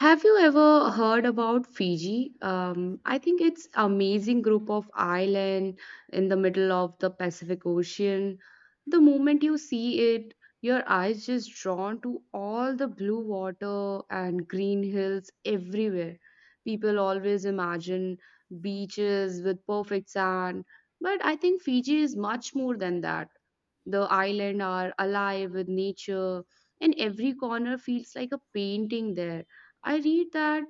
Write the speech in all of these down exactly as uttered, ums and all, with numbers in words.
Have you ever heard about Fiji? Um, I think it's amazing group of island in the middle of the Pacific Ocean. The moment you see it, your eyes just drawn to all the blue water and green hills everywhere. People always imagine beaches with perfect sand, but I think Fiji is much more than that. The island are alive with nature, and every corner feels like a painting there. I read that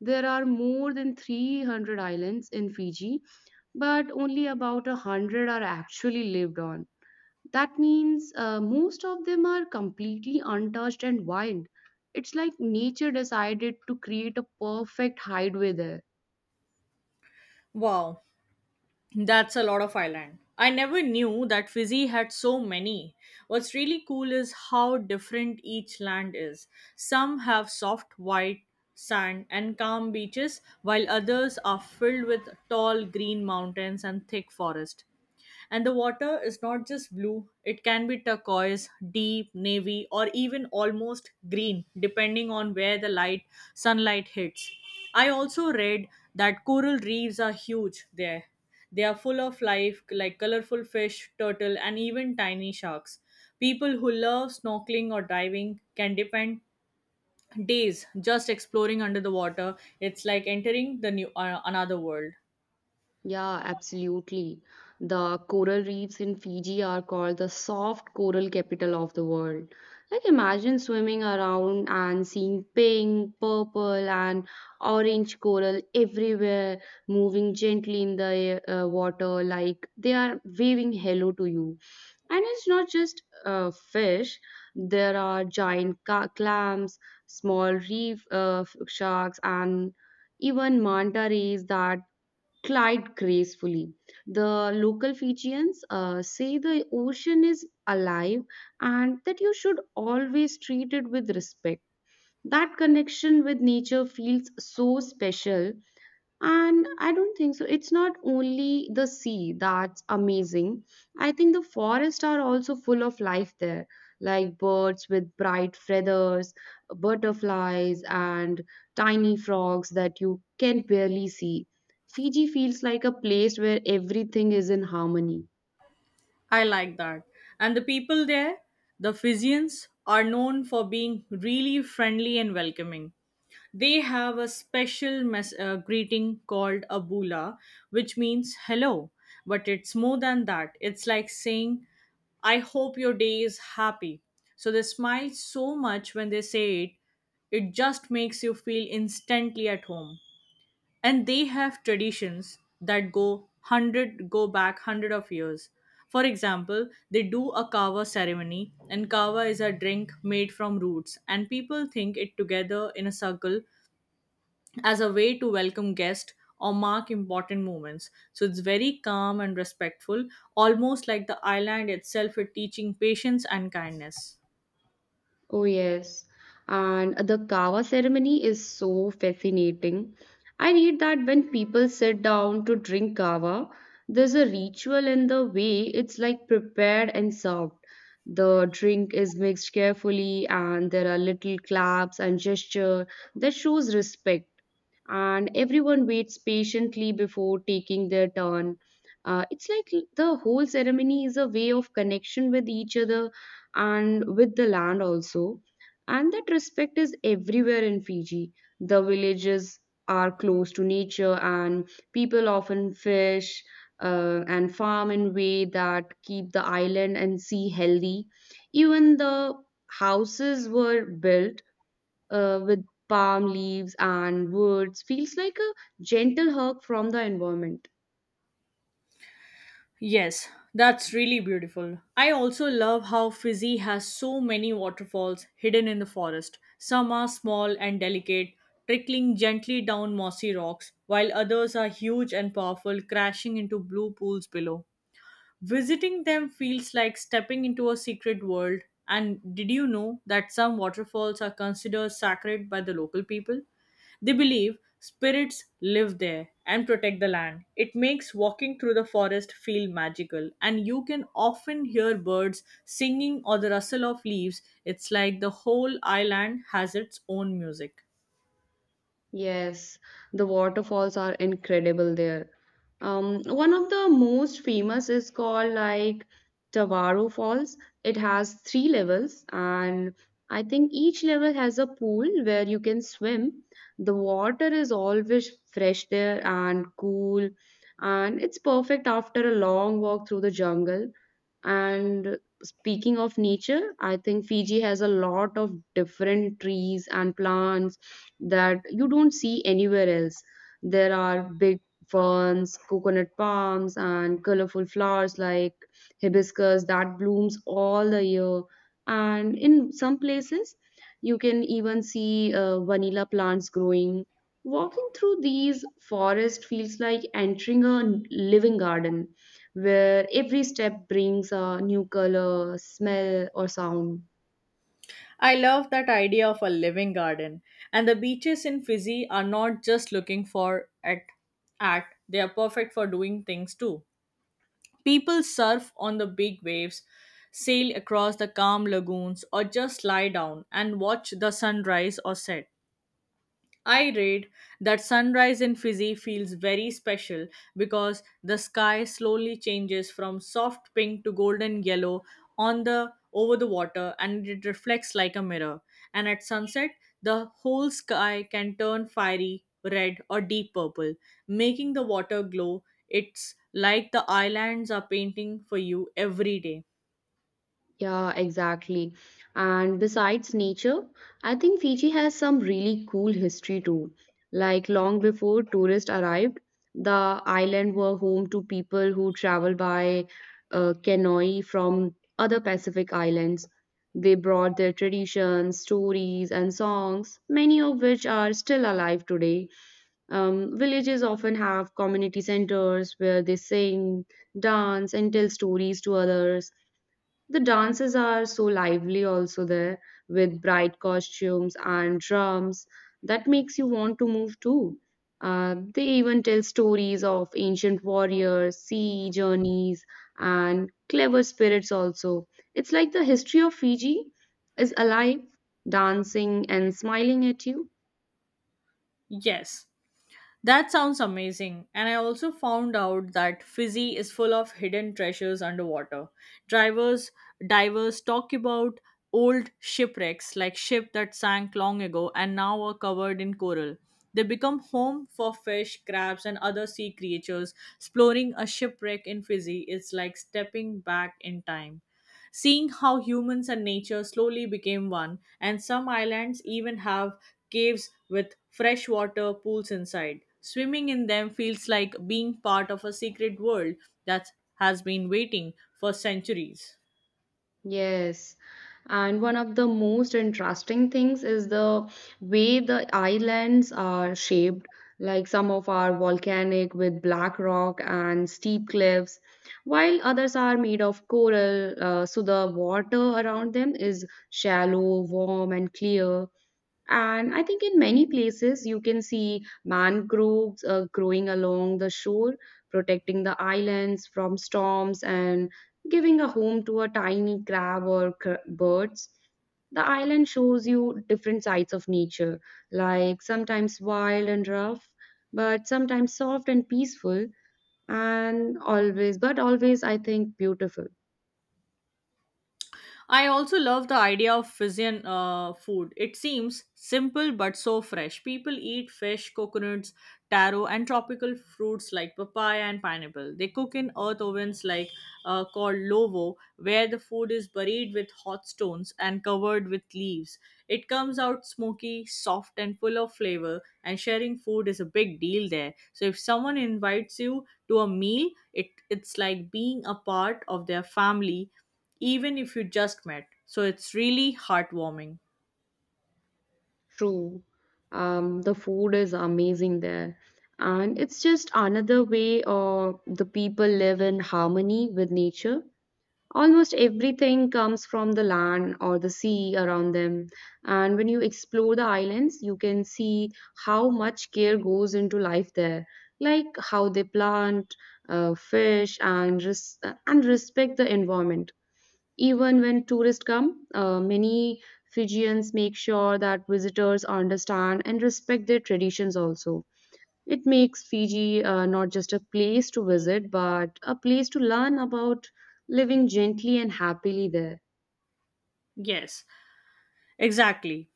there are more than three hundred islands in Fiji, but only about one hundred are actually lived on. That means uh, most of them are completely untouched and wild. It's like nature decided to create a perfect hideaway there. Wow, that's a lot of island. I never knew that Fiji had so many. What's really cool is how different each land is. Some have soft white sand and calm beaches, while others are filled with tall green mountains and thick forest. And the water is not just blue, it can be turquoise, deep, navy, or even almost green, depending on where the light sunlight hits. I also read that coral reefs are huge there. They are full of life, like colorful fish, turtle, and even tiny sharks. People who love snorkeling or diving can depend days just exploring under the water. It's like entering the new uh, another world. Yeah, absolutely. The coral reefs in Fiji are called the soft coral capital of the world. Like, imagine swimming around and seeing pink, purple, and orange coral everywhere, moving gently in the uh, water, like they are waving hello to you. And it's not just uh, fish, there are giant ca- clams, small reef uh, f- sharks, and even manta rays that Clyde gracefully. The local Fijians uh, say the ocean is alive and that you should always treat it with respect. That connection with nature feels so special and I don't think so. It's not only the sea that's amazing. I think the forests are also full of life there, like birds with bright feathers, butterflies, and tiny frogs that you can barely see. Fiji feels like a place where everything is in harmony. I like that. And the people there, the Fijians, are known for being really friendly and welcoming. They have a special mes- uh, greeting called a bula, which means hello. But it's more than that. It's like saying, I hope your day is happy. So they smile so much when they say it, it just makes you feel instantly at home, and they have traditions that go hundred go back hundred of years. For example, they do a kava ceremony, and kava is a drink made from roots, and people think it together in a circle as a way to welcome guests or mark important moments. So it's very calm and respectful, almost like the island itself is teaching patience and kindness. Oh, yes. And the kava ceremony is so fascinating. I read that when people sit down to drink kava, there's a ritual in the way it's like prepared and served. The drink is mixed carefully, and there are little claps and gesture that shows respect and everyone waits patiently before taking their turn. Uh, it's like l- the whole ceremony is a way of connection with each other and with the land also. And that respect is everywhere in Fiji. The villages are close to nature, and people often fish uh, and farm in way that keep the island and sea healthy. Even the houses were built uh, with palm leaves and woods feels like a gentle hug from the environment. Yes, that's really beautiful. I also love how Fizzy has so many waterfalls hidden in the forest. Some are small and delicate, trickling gently down mossy rocks, while others are huge and powerful, crashing into blue pools below. Visiting them feels like stepping into a secret world. And did you know that some waterfalls are considered sacred by the local people? They believe spirits live there and protect the land. It makes walking through the forest feel magical, and you can often hear birds singing or the rustle of leaves. It's like the whole island has its own music. Yes, the waterfalls are incredible there. Um, one of the most famous is called like Tawaro Falls. It has three levels, and I think each level has a pool where you can swim. The water is always fresh there and cool, and it's perfect after a long walk through the jungle. And speaking of nature, I think Fiji has a lot of different trees and plants that you don't see anywhere else. There are big ferns, coconut palms, and colorful flowers like hibiscus that blooms all the year. And in some places, you can even see uh, vanilla plants growing. Walking through these forests feels like entering a n- living garden where every step brings a new color, smell, or sound. I love that idea of a living garden. And the beaches in Fiji are not just looking for at at they are perfect for doing things too. People surf on the big waves, sail across the calm lagoons, or just lie down and watch the sunrise or set. I read that sunrise in Fiji feels very special because the sky slowly changes from soft pink to golden yellow on the over the water, and it reflects like a mirror. And at sunset, the whole sky can turn fiery red or deep purple, making the water glow. It's like the islands are painting for you every day. Yeah, exactly. And besides nature, I think Fiji has some really cool history too. Like long before tourists arrived, the island were home to people who traveled by uh, canoe from other Pacific islands. They brought their traditions, stories, and songs, many of which are still alive today. Um, villages often have community centers where they sing, dance, and tell stories to others. The dances are so lively also there with bright costumes and drums that makes you want to move too. Uh, they even tell stories of ancient warriors, sea journeys, and clever spirits also. It's like the history of Fiji is alive, dancing and smiling at you. Yes, that sounds amazing. And I also found out that Fizzy is full of hidden treasures underwater. Drivers, divers talk about old shipwrecks like ship that sank long ago and now are covered in coral. They become home for fish, crabs, and other sea creatures. Exploring a shipwreck in Fizzy is like stepping back in time, seeing how humans and nature slowly became one. And some islands even have caves with freshwater pools inside. Swimming in them feels like being part of a secret world that has been waiting for centuries. Yes, and one of the most interesting things is the way the islands are shaped. Like some of are volcanic with black rock and steep cliffs, while others are made of coral. Uh, so the water around them is shallow, warm, and clear. And I think in many places you can see mangroves uh, growing along the shore, protecting the islands from storms and giving a home to a tiny crab or cr- birds. The island shows you different sides of nature, like sometimes wild and rough, but sometimes soft and peaceful, and always, but always, I think, beautiful. I also love the idea of Fijian uh, food. It seems simple but so fresh. People eat fish, coconuts, taro, and tropical fruits like papaya and pineapple. They cook in earth ovens like uh, called lovo, where the food is buried with hot stones and covered with leaves. It comes out smoky, soft, and full of flavor. And sharing food is a big deal there. So if someone invites you to a meal, it it's like being a part of their family, even if you just met. So it's really heartwarming. True. Um, the food is amazing there. And it's just another way uh, the people live in harmony with nature. Almost everything comes from the land or the sea around them. And when you explore the islands, you can see how much care goes into life there, like how they plant, uh, fish, and res- and respect the environment. Even when tourists come, uh, many Fijians make sure that visitors understand and respect their traditions also. It makes Fiji uh, not just a place to visit, but a place to learn about living gently and happily there. Yes, exactly.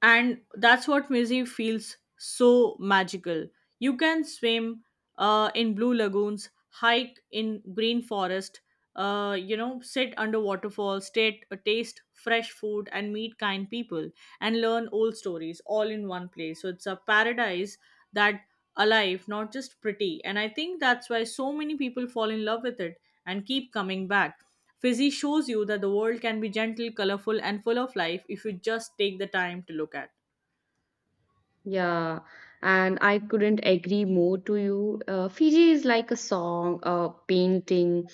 And that's what Mizzy feels so magical. You can swim uh, in blue lagoons, hike in green forest, uh, you know, sit under waterfalls, state, uh, taste fresh food, and meet kind people and learn old stories, all in one place. So it's a paradise that alive, not just pretty. And I think that's why so many people fall in love with it and keep coming back. Fizzy shows you that the world can be gentle, colorful, and full of life if you just take the time to look at. Yeah, and I couldn't agree more to you. Uh, Fiji is like a song, a painting,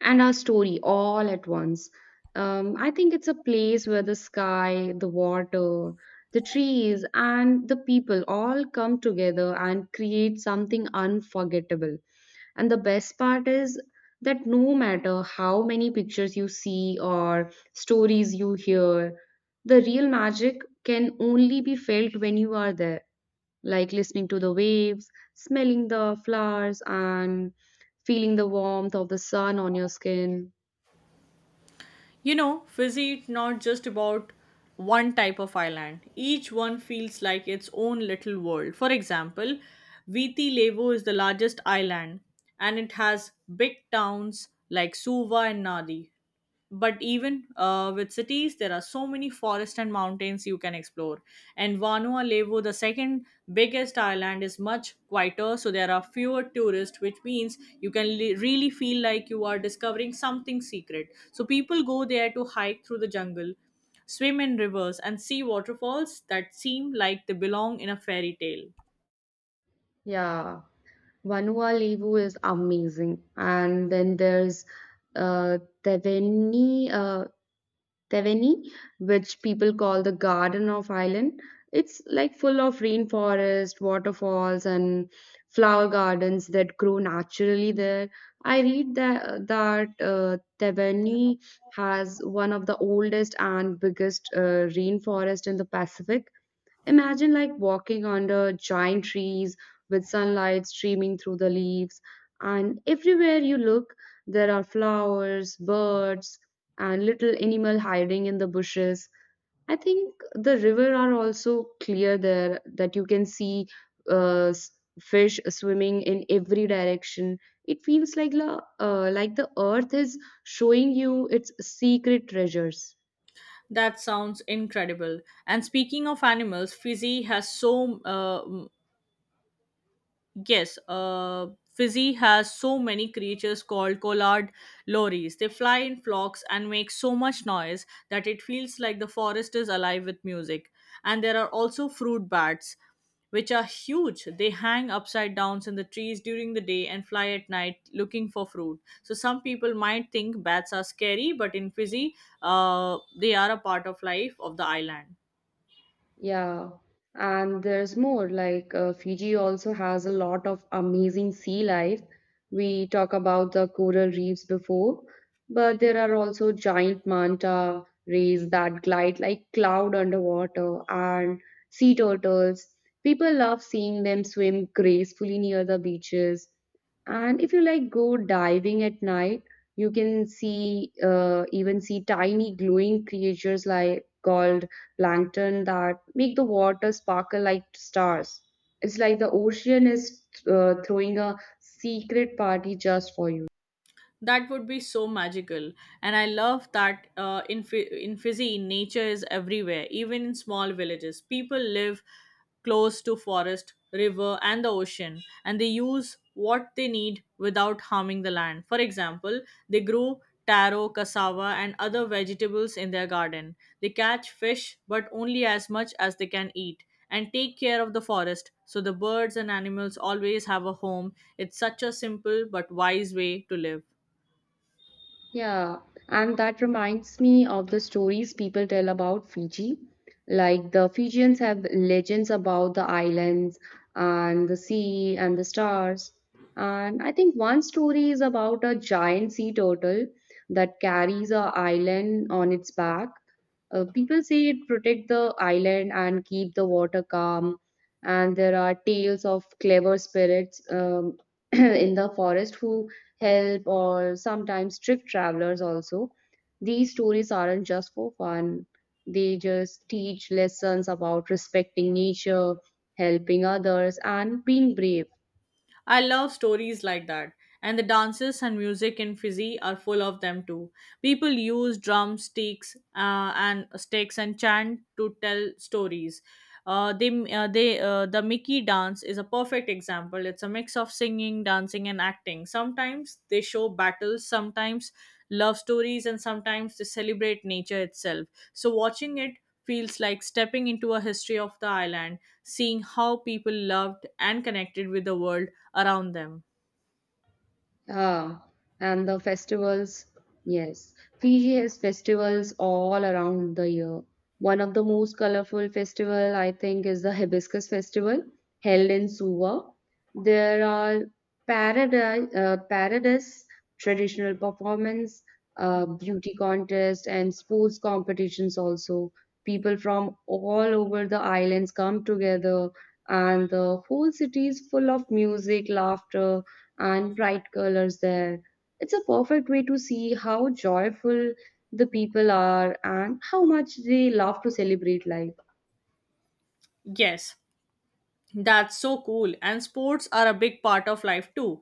and a story all at once. Um, I think it's a place where the sky, the water, the trees, and the people all come together and create something unforgettable. And the best part is that no matter how many pictures you see or stories you hear, the real magic can only be felt when you are there, like listening to the waves, smelling the flowers, and feeling the warmth of the sun on your skin. You know, Fizzy is not just about one type of island. Each one feels like its own little world. For example, Viti Levu is the largest island, and it has big towns like Suva and Nadi. But even uh, with cities, there are so many forests and mountains you can explore. And Vanuatu, the second biggest island, is much quieter, so there are fewer tourists, which means you can li- really feel like you are discovering something secret. So people go there to hike through the jungle, swim in rivers, and see waterfalls that seem like they belong in a fairy tale. Yeah, Vanuatu is amazing. And then there's uh, Teveni. Uh, Teveni, which people call the Garden of Ireland. It's like full of rainforest, waterfalls, and flower gardens that grow naturally there. I read that, that uh, Teveni has one of the oldest and biggest uh, rainforest in the Pacific. Imagine like walking under giant trees with sunlight streaming through the leaves, and everywhere you look, there are flowers, birds, and little animal hiding in the bushes. I think the river are also clear there that you can see uh, s- fish swimming in every direction. It feels like la, uh, like the earth is showing you its secret treasures. That sounds incredible. And speaking of animals, fiji has so uh, Yes, uh, Fizzy has so many creatures called collard lories. They fly in flocks and make so much noise that it feels like the forest is alive with music. And there are also fruit bats, which are huge. They hang upside downs in the trees during the day and fly at night looking for fruit. So some people might think bats are scary, but in Fizzy, uh, they are a part of life of the island. Yeah, and there's more. Like uh, Fiji also has a lot of amazing sea life. We talk about the coral reefs before, but there are also giant manta rays that glide like cloud underwater and sea turtles. People love seeing them swim gracefully near the beaches. And if you like go diving at night, you can see uh, even see tiny glowing creatures like called plankton that make the water sparkle like stars. It's like the ocean is uh, throwing a secret party just for you. That would be so magical. And I love that uh, in Fi- in Fiji, nature is everywhere. Even in small villages, people live close to forest, river, and the ocean, and they use what they need without harming the land. For example, they grow taro, cassava, and other vegetables in their garden. They catch fish, but only as much as they can eat, and take care of the forest so the birds and animals always have a home. It's such a simple but wise way to live. Yeah, and that reminds me of the stories people tell about Fiji. Like the Fijians have legends about the islands and the sea and the stars. And I think one story is about a giant sea turtle that carries a island on its back. Uh, people say it protect the island and keep the water calm. And there are tales of clever spirits um, in the forest who help, or sometimes trick travelers also. These stories aren't just for fun, they just teach lessons about respecting nature, helping others, and being brave. I love stories like that. And the dances and music in Fiji are full of them too. People use drumsticks uh, and sticks and chant to tell stories. Uh, they, uh, they, uh, the Mickey dance is a perfect example. It's a mix of singing, dancing, and acting. Sometimes they show battles, sometimes love stories, and sometimes they celebrate nature itself. So watching it feels like stepping into a history of the island, seeing how people loved and connected with the world around them. Ah, and the festivals, yes. Fiji has festivals all around the year. One of the most colorful festival, I think, is the Hibiscus Festival held in Suva. There are paradise, uh, paradise traditional performance, uh, beauty contest, and sports competitions also. People from all over the islands come together, and the whole city is full of music, laughter and bright colors there. It's a perfect way to see how joyful the people are and how much they love to celebrate life. Yes, that's so cool. And sports are a big part of life too.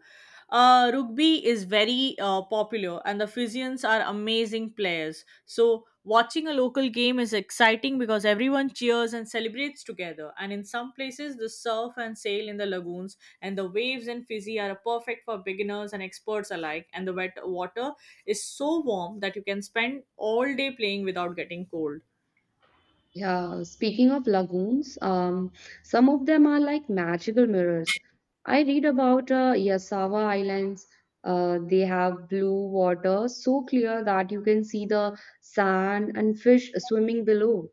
Uh, rugby is very uh, popular, and the Fijians are amazing players. So, watching a local game is exciting because everyone cheers and celebrates together. And in some places, the surf and sail in the lagoons and the waves in Fiji are perfect for beginners and experts alike. And the wet water is so warm that you can spend all day playing without getting cold. Yeah, speaking of lagoons, um, some of them are like magical mirrors. I read about uh, Yasawa Islands. Uh, they have blue water so clear that you can see the sand and fish swimming below.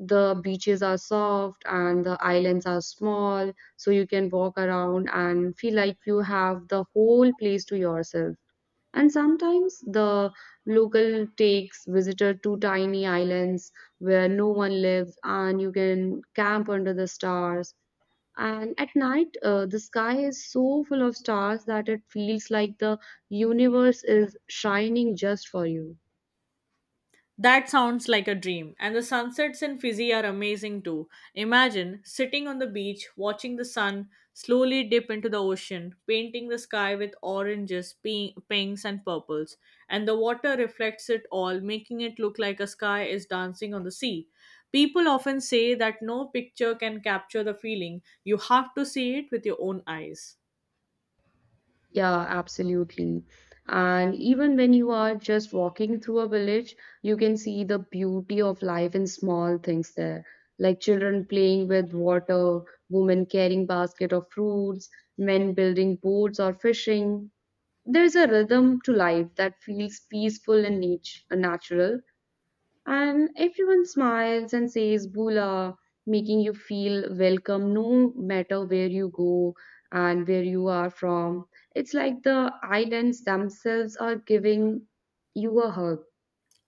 The beaches are soft and the islands are small, so you can walk around and feel like you have the whole place to yourself. And sometimes the local takes visitor to tiny islands where no one lives and you can camp under the stars. And at night, uh, the sky is so full of stars that it feels like the universe is shining just for you. That sounds like a dream. And the sunsets in Fiji are amazing too. Imagine sitting on the beach, watching the sun slowly dip into the ocean, painting the sky with oranges, pink, pinks, and purples, and the water reflects it all, making it look like a sky is dancing on the sea. People often say that no picture can capture the feeling. You have to see it with your own eyes. Yeah, absolutely. And even when you are just walking through a village, you can see the beauty of life in small things there, like children playing with water, women carrying basket of fruits, men building boats or fishing. There's a rhythm to life that feels peaceful and nat- natural, and everyone smiles and says Bula, making you feel welcome no matter where you go and where you are from. It's like the islands themselves are giving you a hug.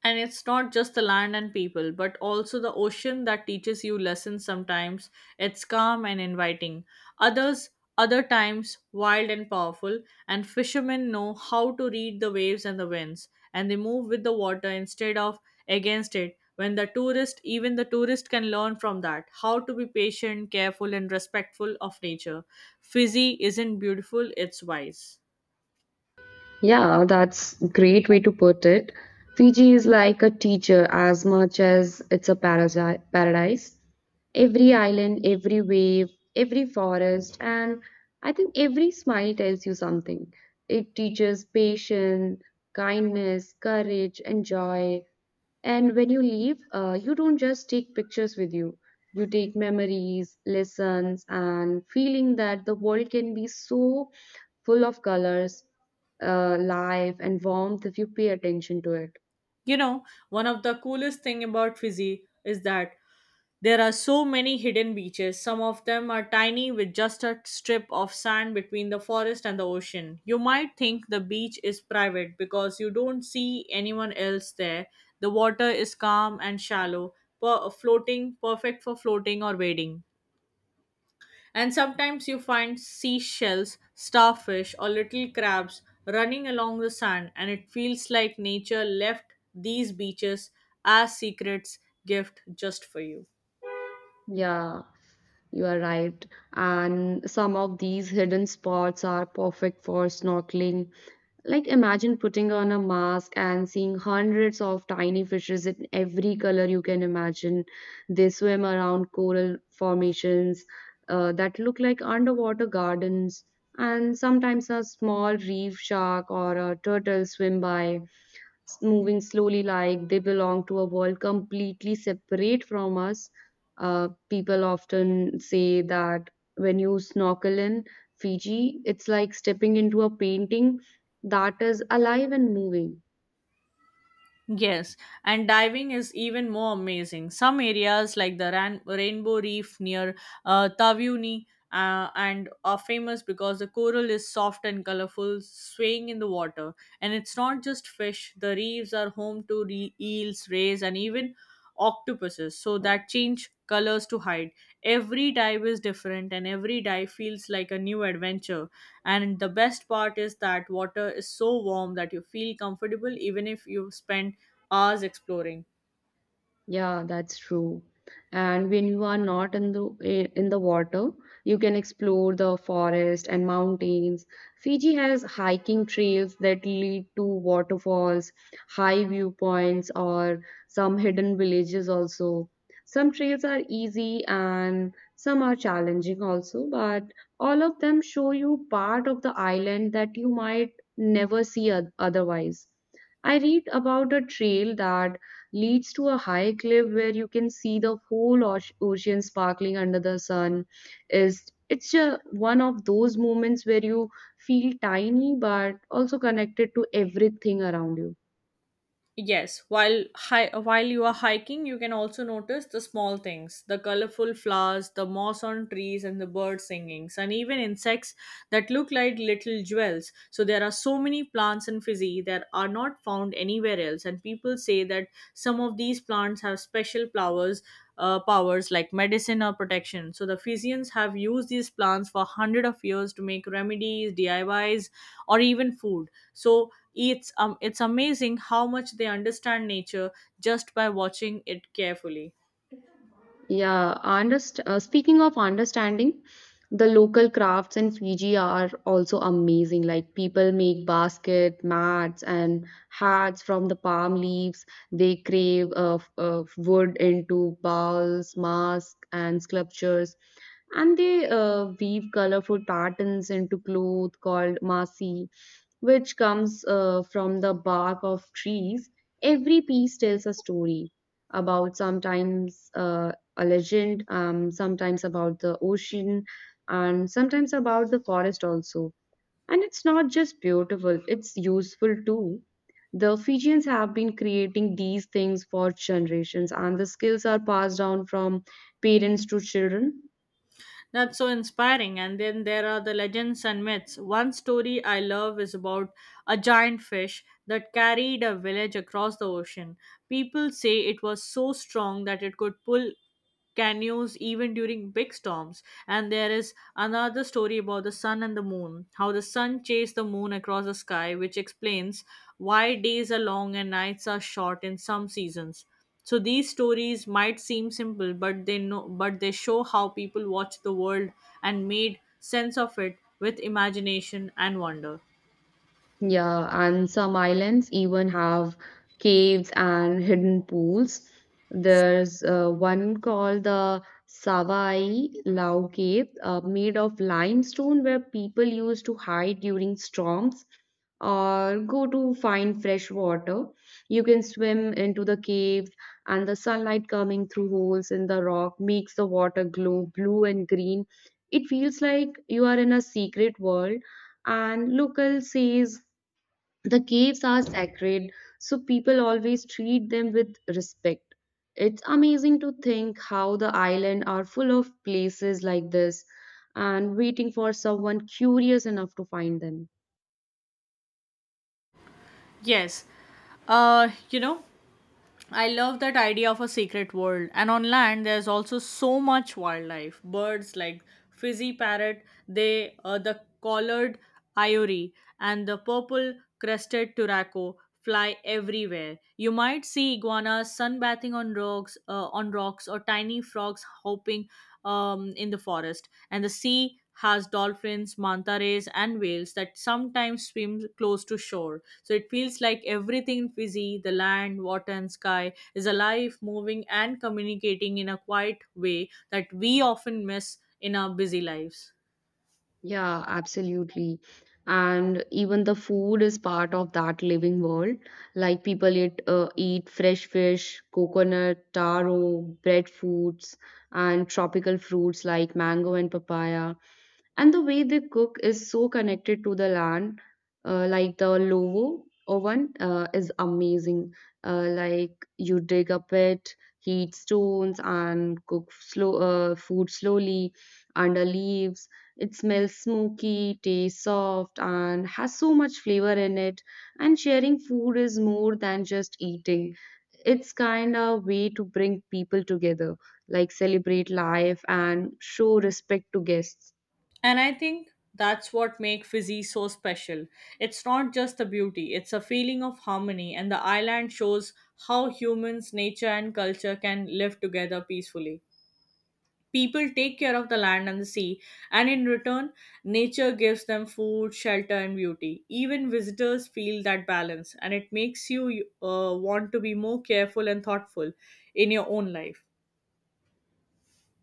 And it's not just the land and people, but also the ocean that teaches you lessons sometimes. It's calm and inviting. Others, Other times, wild and powerful. And fishermen know how to read the waves and the winds. And they move with the water instead of against it. When the tourist, even the tourist can learn from that how to be patient, careful, and respectful of nature. Fizzy isn't beautiful, it's wise. Yeah, that's great way to put it. Fiji is like a teacher as much as it's a parasi- paradise. Every island, every wave, every forest, and I think every smile tells you something. It teaches patience, kindness, courage, and joy. And when you leave, uh, you don't just take pictures with you. You take memories, lessons, and feeling that the world can be so full of colors uh, life and warmth if you pay attention to it. You know, one of the coolest thing about Fizzy is that there are so many hidden beaches. Some of them are tiny, with just a strip of sand between the forest and the ocean. You might think the beach is private because you don't see anyone else there. The water is calm and shallow, per- floating, perfect for floating or wading. And sometimes you find seashells, starfish, or little crabs running along the sand, and it feels like nature left these beaches as secrets gift just for you. Yeah, you are right. And some of these hidden spots are perfect for snorkeling. Like imagine putting on a mask and seeing hundreds of tiny fishes in every color you can imagine. They swim around coral formations uh, that look like underwater gardens, and sometimes a small reef shark or a turtle swim by. S- moving slowly like they belong to a world completely separate from us. Uh, people often say that when you snorkel in Fiji, it's like stepping into a painting that is alive and moving. Yes, and diving is even more amazing. Some areas like the Ran- Rainbow Reef near uh, Tavyuni uh, and are famous because the coral is soft and colorful, swaying in the water. And it's not just fish; the reefs are home to re- eels, rays, and even octopuses so that change colors to hide. Every dive is different, and every dive feels like a new adventure. And the best part is that water is so warm that you feel comfortable even if you spend hours exploring. Yeah, that's true. And when you are not in the eh, in the water, you can explore the forest and mountains. Fiji has hiking trails that lead to waterfalls, high viewpoints, or some hidden villages also. Some trails are easy and some are challenging also, but all of them show you part of the island that you might never see oth- otherwise. I read about a trail that leads to a high cliff where you can see the whole oce- ocean sparkling under the sun. is it's a, one of those moments where you feel tiny but also connected to everything around you. Yes, while hi- while you are hiking, you can also notice the small things, the colorful flowers, the moss on trees, and the bird singings, and even insects that look like little jewels. So there are so many plants in Fiji that are not found anywhere else, and people say that some of these plants have special flowers. Uh, powers like medicine or protection. So the Fijians have used these plants for hundred of years to make remedies, D I Ys, or even food. So it's um, it's amazing how much they understand nature just by watching it carefully. Yeah, underst- uh, speaking of understanding, the local crafts in Fiji are also amazing. Like people make basket, mats, and hats from the palm leaves. They crave uh, f- uh, wood into bowls, masks, and sculptures. And they uh, weave colorful patterns into cloth called masi, which comes uh, from the bark of trees. Every piece tells a story about sometimes uh, a legend, um, sometimes about the ocean, and sometimes about the forest also. And it's not just beautiful, it's useful too. The Fijians have been creating these things for generations, and the skills are passed down from parents to children. That's so inspiring. And then there are the legends and myths. One story I love is about a giant fish that carried a village across the ocean. People say it was so strong that it could pull canoes even during big storms. And there is another story about the sun and the moon, how the sun chased the moon across the sky, which explains why days are long and nights are short in some seasons. So these stories might seem simple, but they know, but they show how people watched the world and made sense of it with imagination and wonder. Yeah, and some islands even have caves and hidden pools. There's uh, one called the Savai Lau Cave, uh, made of limestone, where people used to hide during storms or go to find fresh water. You can swim into the cave, and the sunlight coming through holes in the rock makes the water glow blue and green. It feels like you are in a secret world, and local says the caves are sacred, so people always treat them with respect. It's amazing to think how the island are full of places like this and waiting for someone curious enough to find them. Yes, uh, you know, I love that idea of a secret world. And on land, there's also so much wildlife. Birds like fizzy parrot, they uh, the collared ivory and the purple crested turaco fly everywhere. You might see iguanas sunbathing on rocks, uh, on rocks, or tiny frogs hopping um, in the forest. And the sea has dolphins, manta rays, and whales that sometimes swim close to shore. So it feels like everything in Fiji, the land, water, and sky, is alive, moving, and communicating in a quiet way that we often miss in our busy lives. Yeah, absolutely. And even the food is part of that living world. Like people eat, uh, eat fresh fish, coconut, taro, breadfruits, and tropical fruits like mango and papaya. And the way they cook is so connected to the land. Uh, like the lovo oven uh, is amazing. Uh, like you dig a pit, heat stones, and cook slow uh, food slowly under leaves. It smells smoky, tastes soft, and has so much flavor in it. And sharing food is more than just eating. It's kind of way to bring people together, like celebrate life and show respect to guests. And I think that's what makes Fiji so special. It's not just the beauty, it's a feeling of harmony, and the island shows how humans, nature, and culture can live together peacefully. People take care of the land and the sea, and in return, nature gives them food, shelter, and beauty. Even visitors feel that balance, and it makes you uh, want to be more careful and thoughtful in your own life.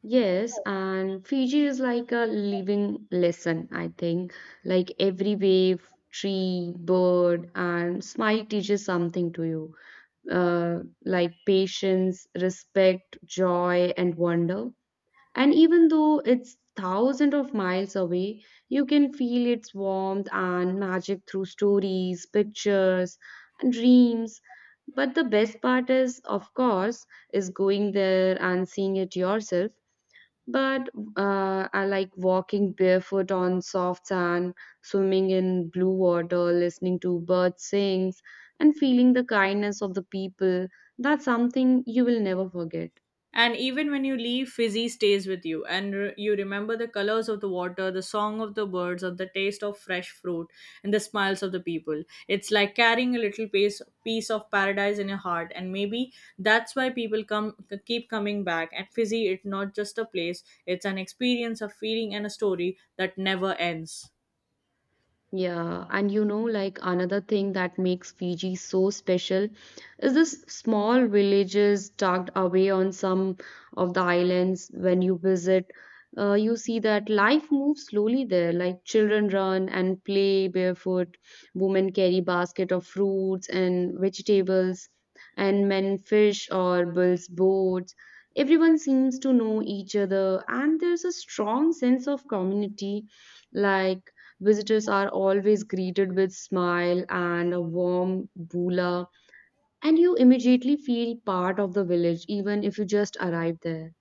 Yes, and Fiji is like a living lesson, I think. Like every wave, tree, bird, and smile teaches something to you, uh, like patience, respect, joy, and wonder. And even though it's thousands of miles away, you can feel its warmth and magic through stories, pictures, and dreams. But the best part is, of course, is going there and seeing it yourself, but uh, I like walking barefoot on soft sand, swimming in blue water, listening to birds sing, and feeling the kindness of the people. That's something you will never forget. And even when you leave, Fizzy stays with you, and re- you remember the colors of the water, the song of the birds, of the taste of fresh fruit, and the smiles of the people. It's like carrying a little piece, piece of paradise in your heart, and maybe that's why people come keep coming back. At Fizzy, it's not just a place; it's an experience, a feeling, and a story that never ends. Yeah, and you know, like another thing that makes Fiji so special is this small villages tucked away on some of the islands. When you visit, uh, you see that life moves slowly there. Like children run and play barefoot, women carry basket of fruits and vegetables, and men fish or builds boats. Everyone seems to know each other, and there's a strong sense of community, like visitors are always greeted with smile and a warm bula, and you immediately feel part of the village even if you just arrived there.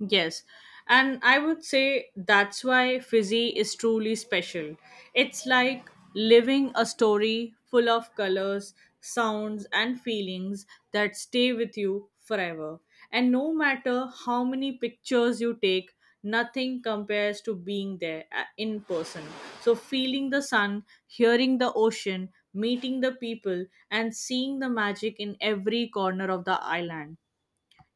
Yes. And I would say that's why Fizzy is truly special. It's like living a story full of colors, sounds, and feelings that stay with you forever. And no matter how many pictures you take, nothing compares to being there uh, in person. So, feeling the sun, hearing the ocean, meeting the people, and seeing the magic in every corner of the island,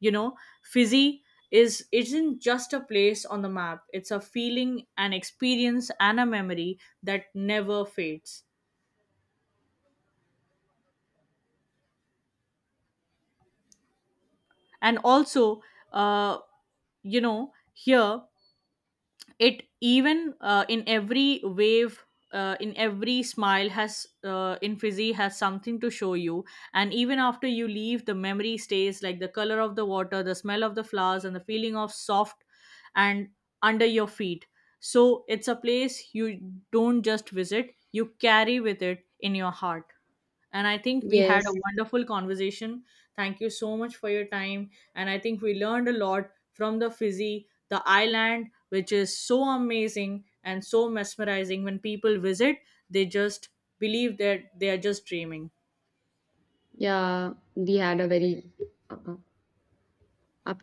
you know, fizzy is isn't just a place on the map. It's a feeling, an experience, and a memory that never fades. And also, uh you know, here it even, uh, in every wave, uh, in every smile has, uh, in fizzy has something to show you. And even after you leave, the memory stays like the color of the water, the smell of the flowers, and the feeling of soft and under your feet. So it's a place you don't just visit, you carry with it in your heart. And I think we had a Yes, wonderful conversation. Thank you so much for your time. And I think we learned a lot from the Fizzy, the island, which is so amazing and so mesmerizing. When people visit, they just believe that they are just dreaming. yeah, we had a very uh, up